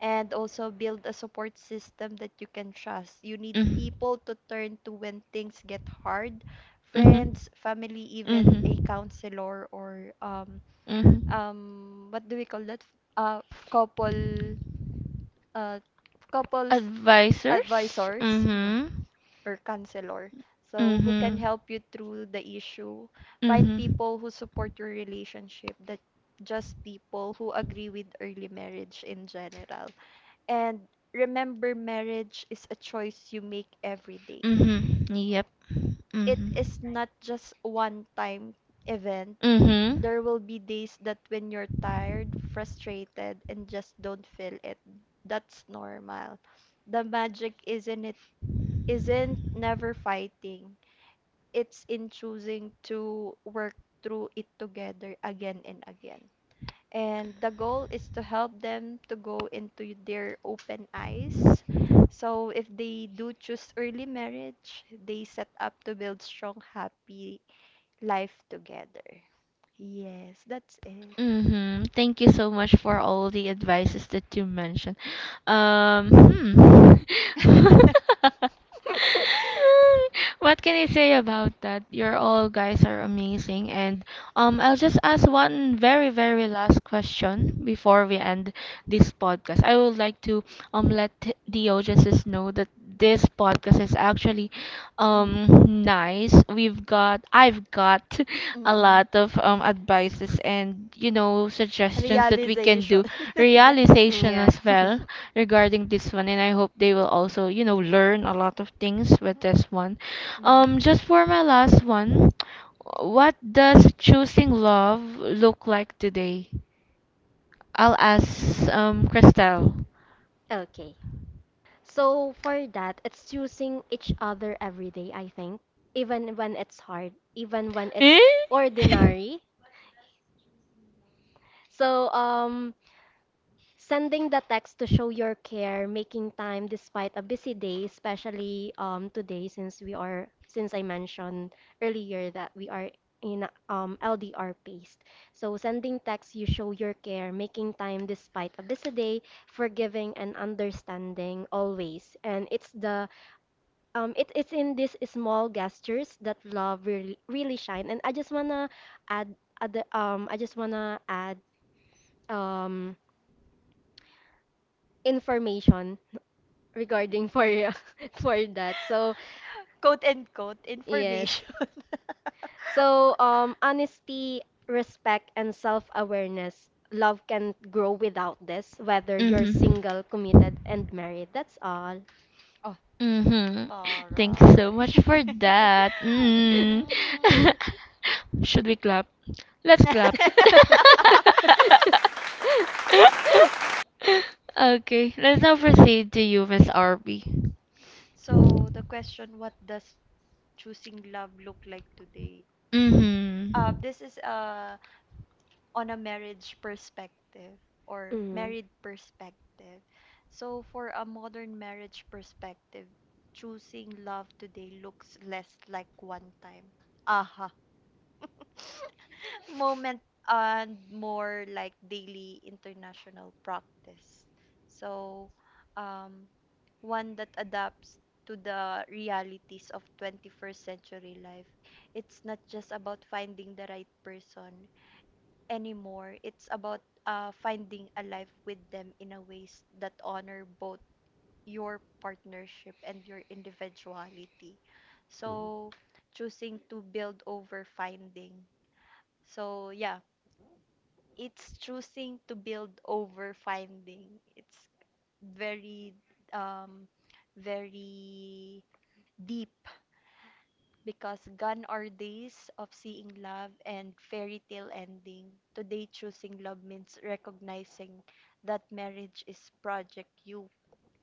S3: and also build a support system that you can trust. You need people to turn to when things get hard,
S1: Mm-hmm.
S3: friends, family,
S1: Mhm.
S3: even a
S1: Mhm.
S3: counselor or
S1: Mhm.
S3: what do we call that? Uh couple uh Couples
S1: Advisors.
S3: advisors,
S1: Mhm.
S3: or counselor. So who can
S1: Mhm.
S3: help you through the issue? Find
S1: Mhm.
S3: people who support your relationship, that just people who agree with early marriage in general. And remember, marriage is a choice you make every day.
S1: Mhm. Yep.
S3: It
S1: Mhm.
S3: is not just one time event. There will be days that when you're tired, frustrated, and
S1: Mhm.
S3: just don't feel it. That's normal. The magic isn't, it isn't never fighting. It's in choosing to work through it together again and again, and the goal is to help them to go into their open eyes. So if they do choose early marriage, they set up to build strong, happy life together. Yes, that's it.
S1: Mm-hmm. Thank you so much for all the advices that you mentioned. Hmm. (laughs)
S3: (laughs)
S2: (laughs)
S1: Mm, what can I say about that? You're all guys are amazing, and I'll just ask one very, very last question before we end this podcast. I would like to let the audiences know that this podcast is actually um
S3: Mm.
S1: nice. I've got (laughs) a
S3: Mm-mm.
S1: lot of advices and you know suggestions that we can
S3: Realization.
S1: do
S3: (laughs) Yeah.
S1: realization
S2: Yeah.
S1: as
S2: (laughs)
S1: well regarding this one, and I hope they will also, you know, learn a lot of things with this one.
S3: Mhm.
S1: Just for my last one, what does choosing love look like today? I'll ask Christelle.
S2: Okay. So for that, it's choosing each other every day, I think. Even when it's hard, even when
S1: (laughs)
S2: it's
S1: Eh?
S2: ordinary. So sending the text to show your care, making time despite a busy day, especially today, since we are since I mentioned earlier that we are in a, LDR paced. So sending text you show your care, making time despite a busy day, forgiving and understanding always. And it's in these small gestures that love really shine. And I just wanna add, add um I just wanna add um information regarding for (laughs) for that. So
S3: Quote unquote
S2: yes.
S3: information. (laughs)
S2: So, honesty, respect, and self-awareness. Love can grow without this, whether you're
S1: Mm-hmm.
S2: single, committed, and married. That's all.
S3: Oh,
S1: Mm-hmm. Thanks so much for
S3: Taray. (laughs)
S1: that. Mm.
S2: (laughs)
S3: Mm.
S1: (laughs) Should we clap? Let's clap.
S3: (laughs)
S1: (laughs) Okay, let's now proceed to you, Miss RB.
S3: So the question, what does choosing love look like today?
S1: Mm-hmm.
S3: This is on a marriage perspective, or
S2: Mm.
S3: married perspective. So for a modern marriage perspective, choosing love today looks less like one time aha moment and more like daily international practice. So, um, one that adapts to the realities of 21st century life. It's not just about finding the right person anymore. It's about finding a life with them in a ways that honor both your partnership and your individuality. So, choosing to build over finding. So, yeah, it's choosing to build over finding. It's very um very deep because gone are days of seeing love and fairy tale ending. Today choosing love means recognizing that marriage is project you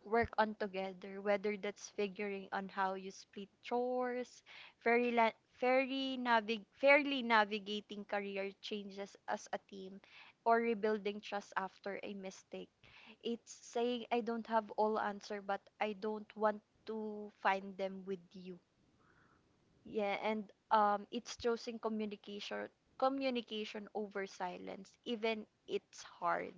S3: work on together, whether that's figuring on how you split chores, fairly navigating career changes as a team, or rebuilding trust after a mistake. It's saying, I don't have all answer, but I don't want to find them with you. Yeah, and it's choosing communication over silence, even it's hard.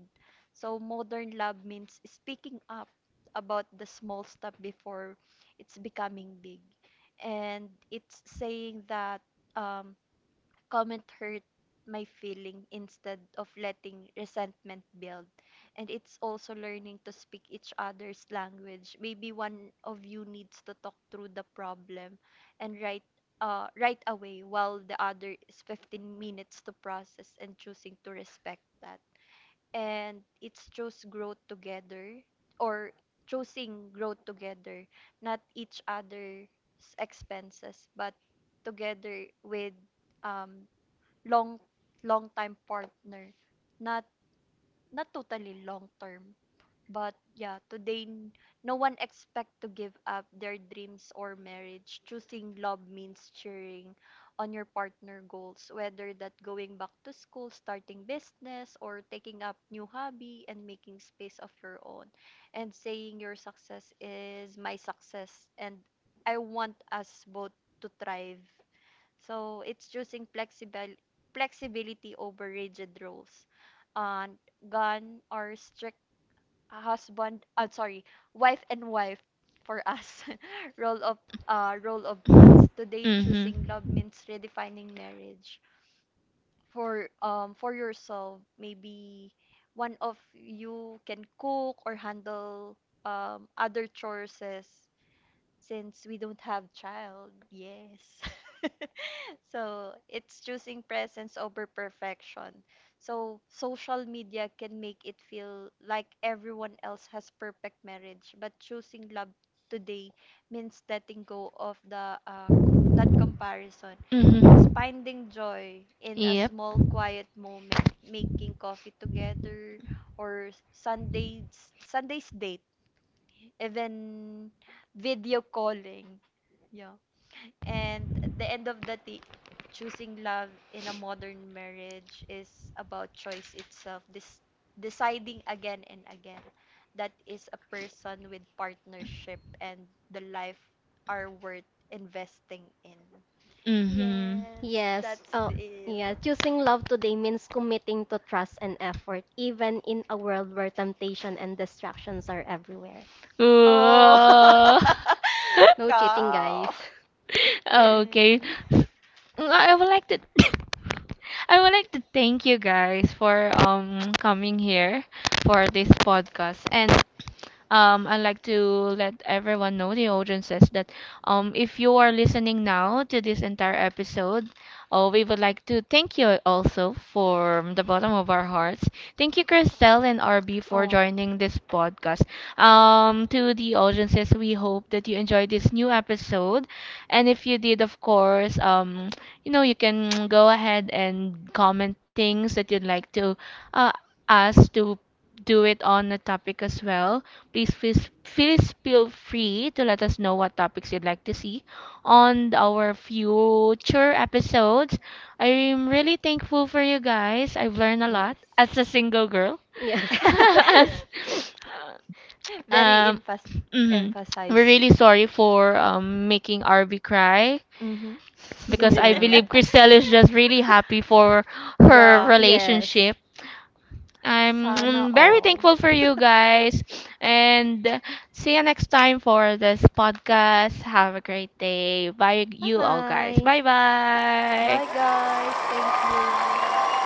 S3: So modern love means speaking up about the small stuff before it's becoming big, and it's saying that um, comment hurt my feeling instead of letting resentment build. And it's also learning to speak each other's language. Maybe one of you needs to talk through the problem, and right away, while the other is 15 minutes to process, and choosing to respect that. And it's choose growth together or choosing growth together, not each other's expenses, but together with um, long long time partner, not not totally long term, but yeah, today no one expect to give up their dreams or marriage. Choosing love means cheering on your partner goals, whether that going back to school, starting business, or taking up new hobby, and making space of your own, and saying your success is my success, and I want us both to thrive. So it's choosing flexible flexibility over rigid rules. And gun or strict husband, sorry, wife and wife for us. (laughs) Role of past. Today
S1: Mm-hmm.
S3: choosing love means redefining marriage. For yourself, maybe one of you can cook or handle other chores, since we don't have child. Yes. (laughs) So it's choosing presence over perfection. So social media can make it feel like everyone else has perfect marriage, but choosing love today means letting go of the that comparison. It's
S1: Mm-hmm.
S3: finding joy in a
S1: Yep.
S3: small quiet moment, making coffee together, or Sunday's date, even video calling, yeah. And at the end of the day, choosing love in a modern marriage is about choice itself. This deciding again and again that is a person with partnership and the life are worth investing in.
S1: Mm-hmm.
S3: Yes,
S2: Yes.
S3: that's
S2: Oh,
S3: it.
S2: yeah. Choosing love today means committing to trust and effort, even in a world where temptation and distractions are everywhere.
S3: Oh,
S1: Whoa.
S3: (laughs)
S2: No
S1: (laughs)
S2: cheating, guys.
S3: cow.
S2: (laughs)
S1: (laughs) Okay. Mm, I would like to (coughs) I would like to thank you guys for coming here for this podcast, and I'd like to let everyone know, the audiences, that if you are listening now to this entire episode, oh, we would like to thank you also from the bottom of our hearts. Thank you, Christelle and RB, for
S3: Oh,
S1: joining this podcast. To the audiences, we hope that you enjoyed this new episode. And if you did, of course, you know, you can (tsk) go ahead and comment things that you'd like to uh, us to do it on the topic as well. Please, feel please feel free to let us know what topics you'd like to see on our future episodes. I'm really thankful for you guys. I've learned a lot
S3: yes.
S1: as a single girl.
S2: Yeah.
S1: (laughs)
S2: (laughs)
S1: As-
S3: (laughs) Very
S1: um, mhm. We're
S3: emphasize.
S1: really sorry for making RV cry
S3: Mm-hmm.
S1: because I
S2: Yeah.
S1: believe Christelle is just
S3: (laughs)
S1: really happy for her
S3: Yeah.
S2: Yes.
S1: relationship. I'm
S3: Sana
S1: mm, very
S3: all.
S1: thankful for you guys.
S3: (laughs)
S1: And see you next time for this podcast. Have a great day. Bye,
S2: Bye
S1: you all guys.
S2: bye.
S1: Bye
S3: Bye,
S1: bye.
S3: guys. Thank you.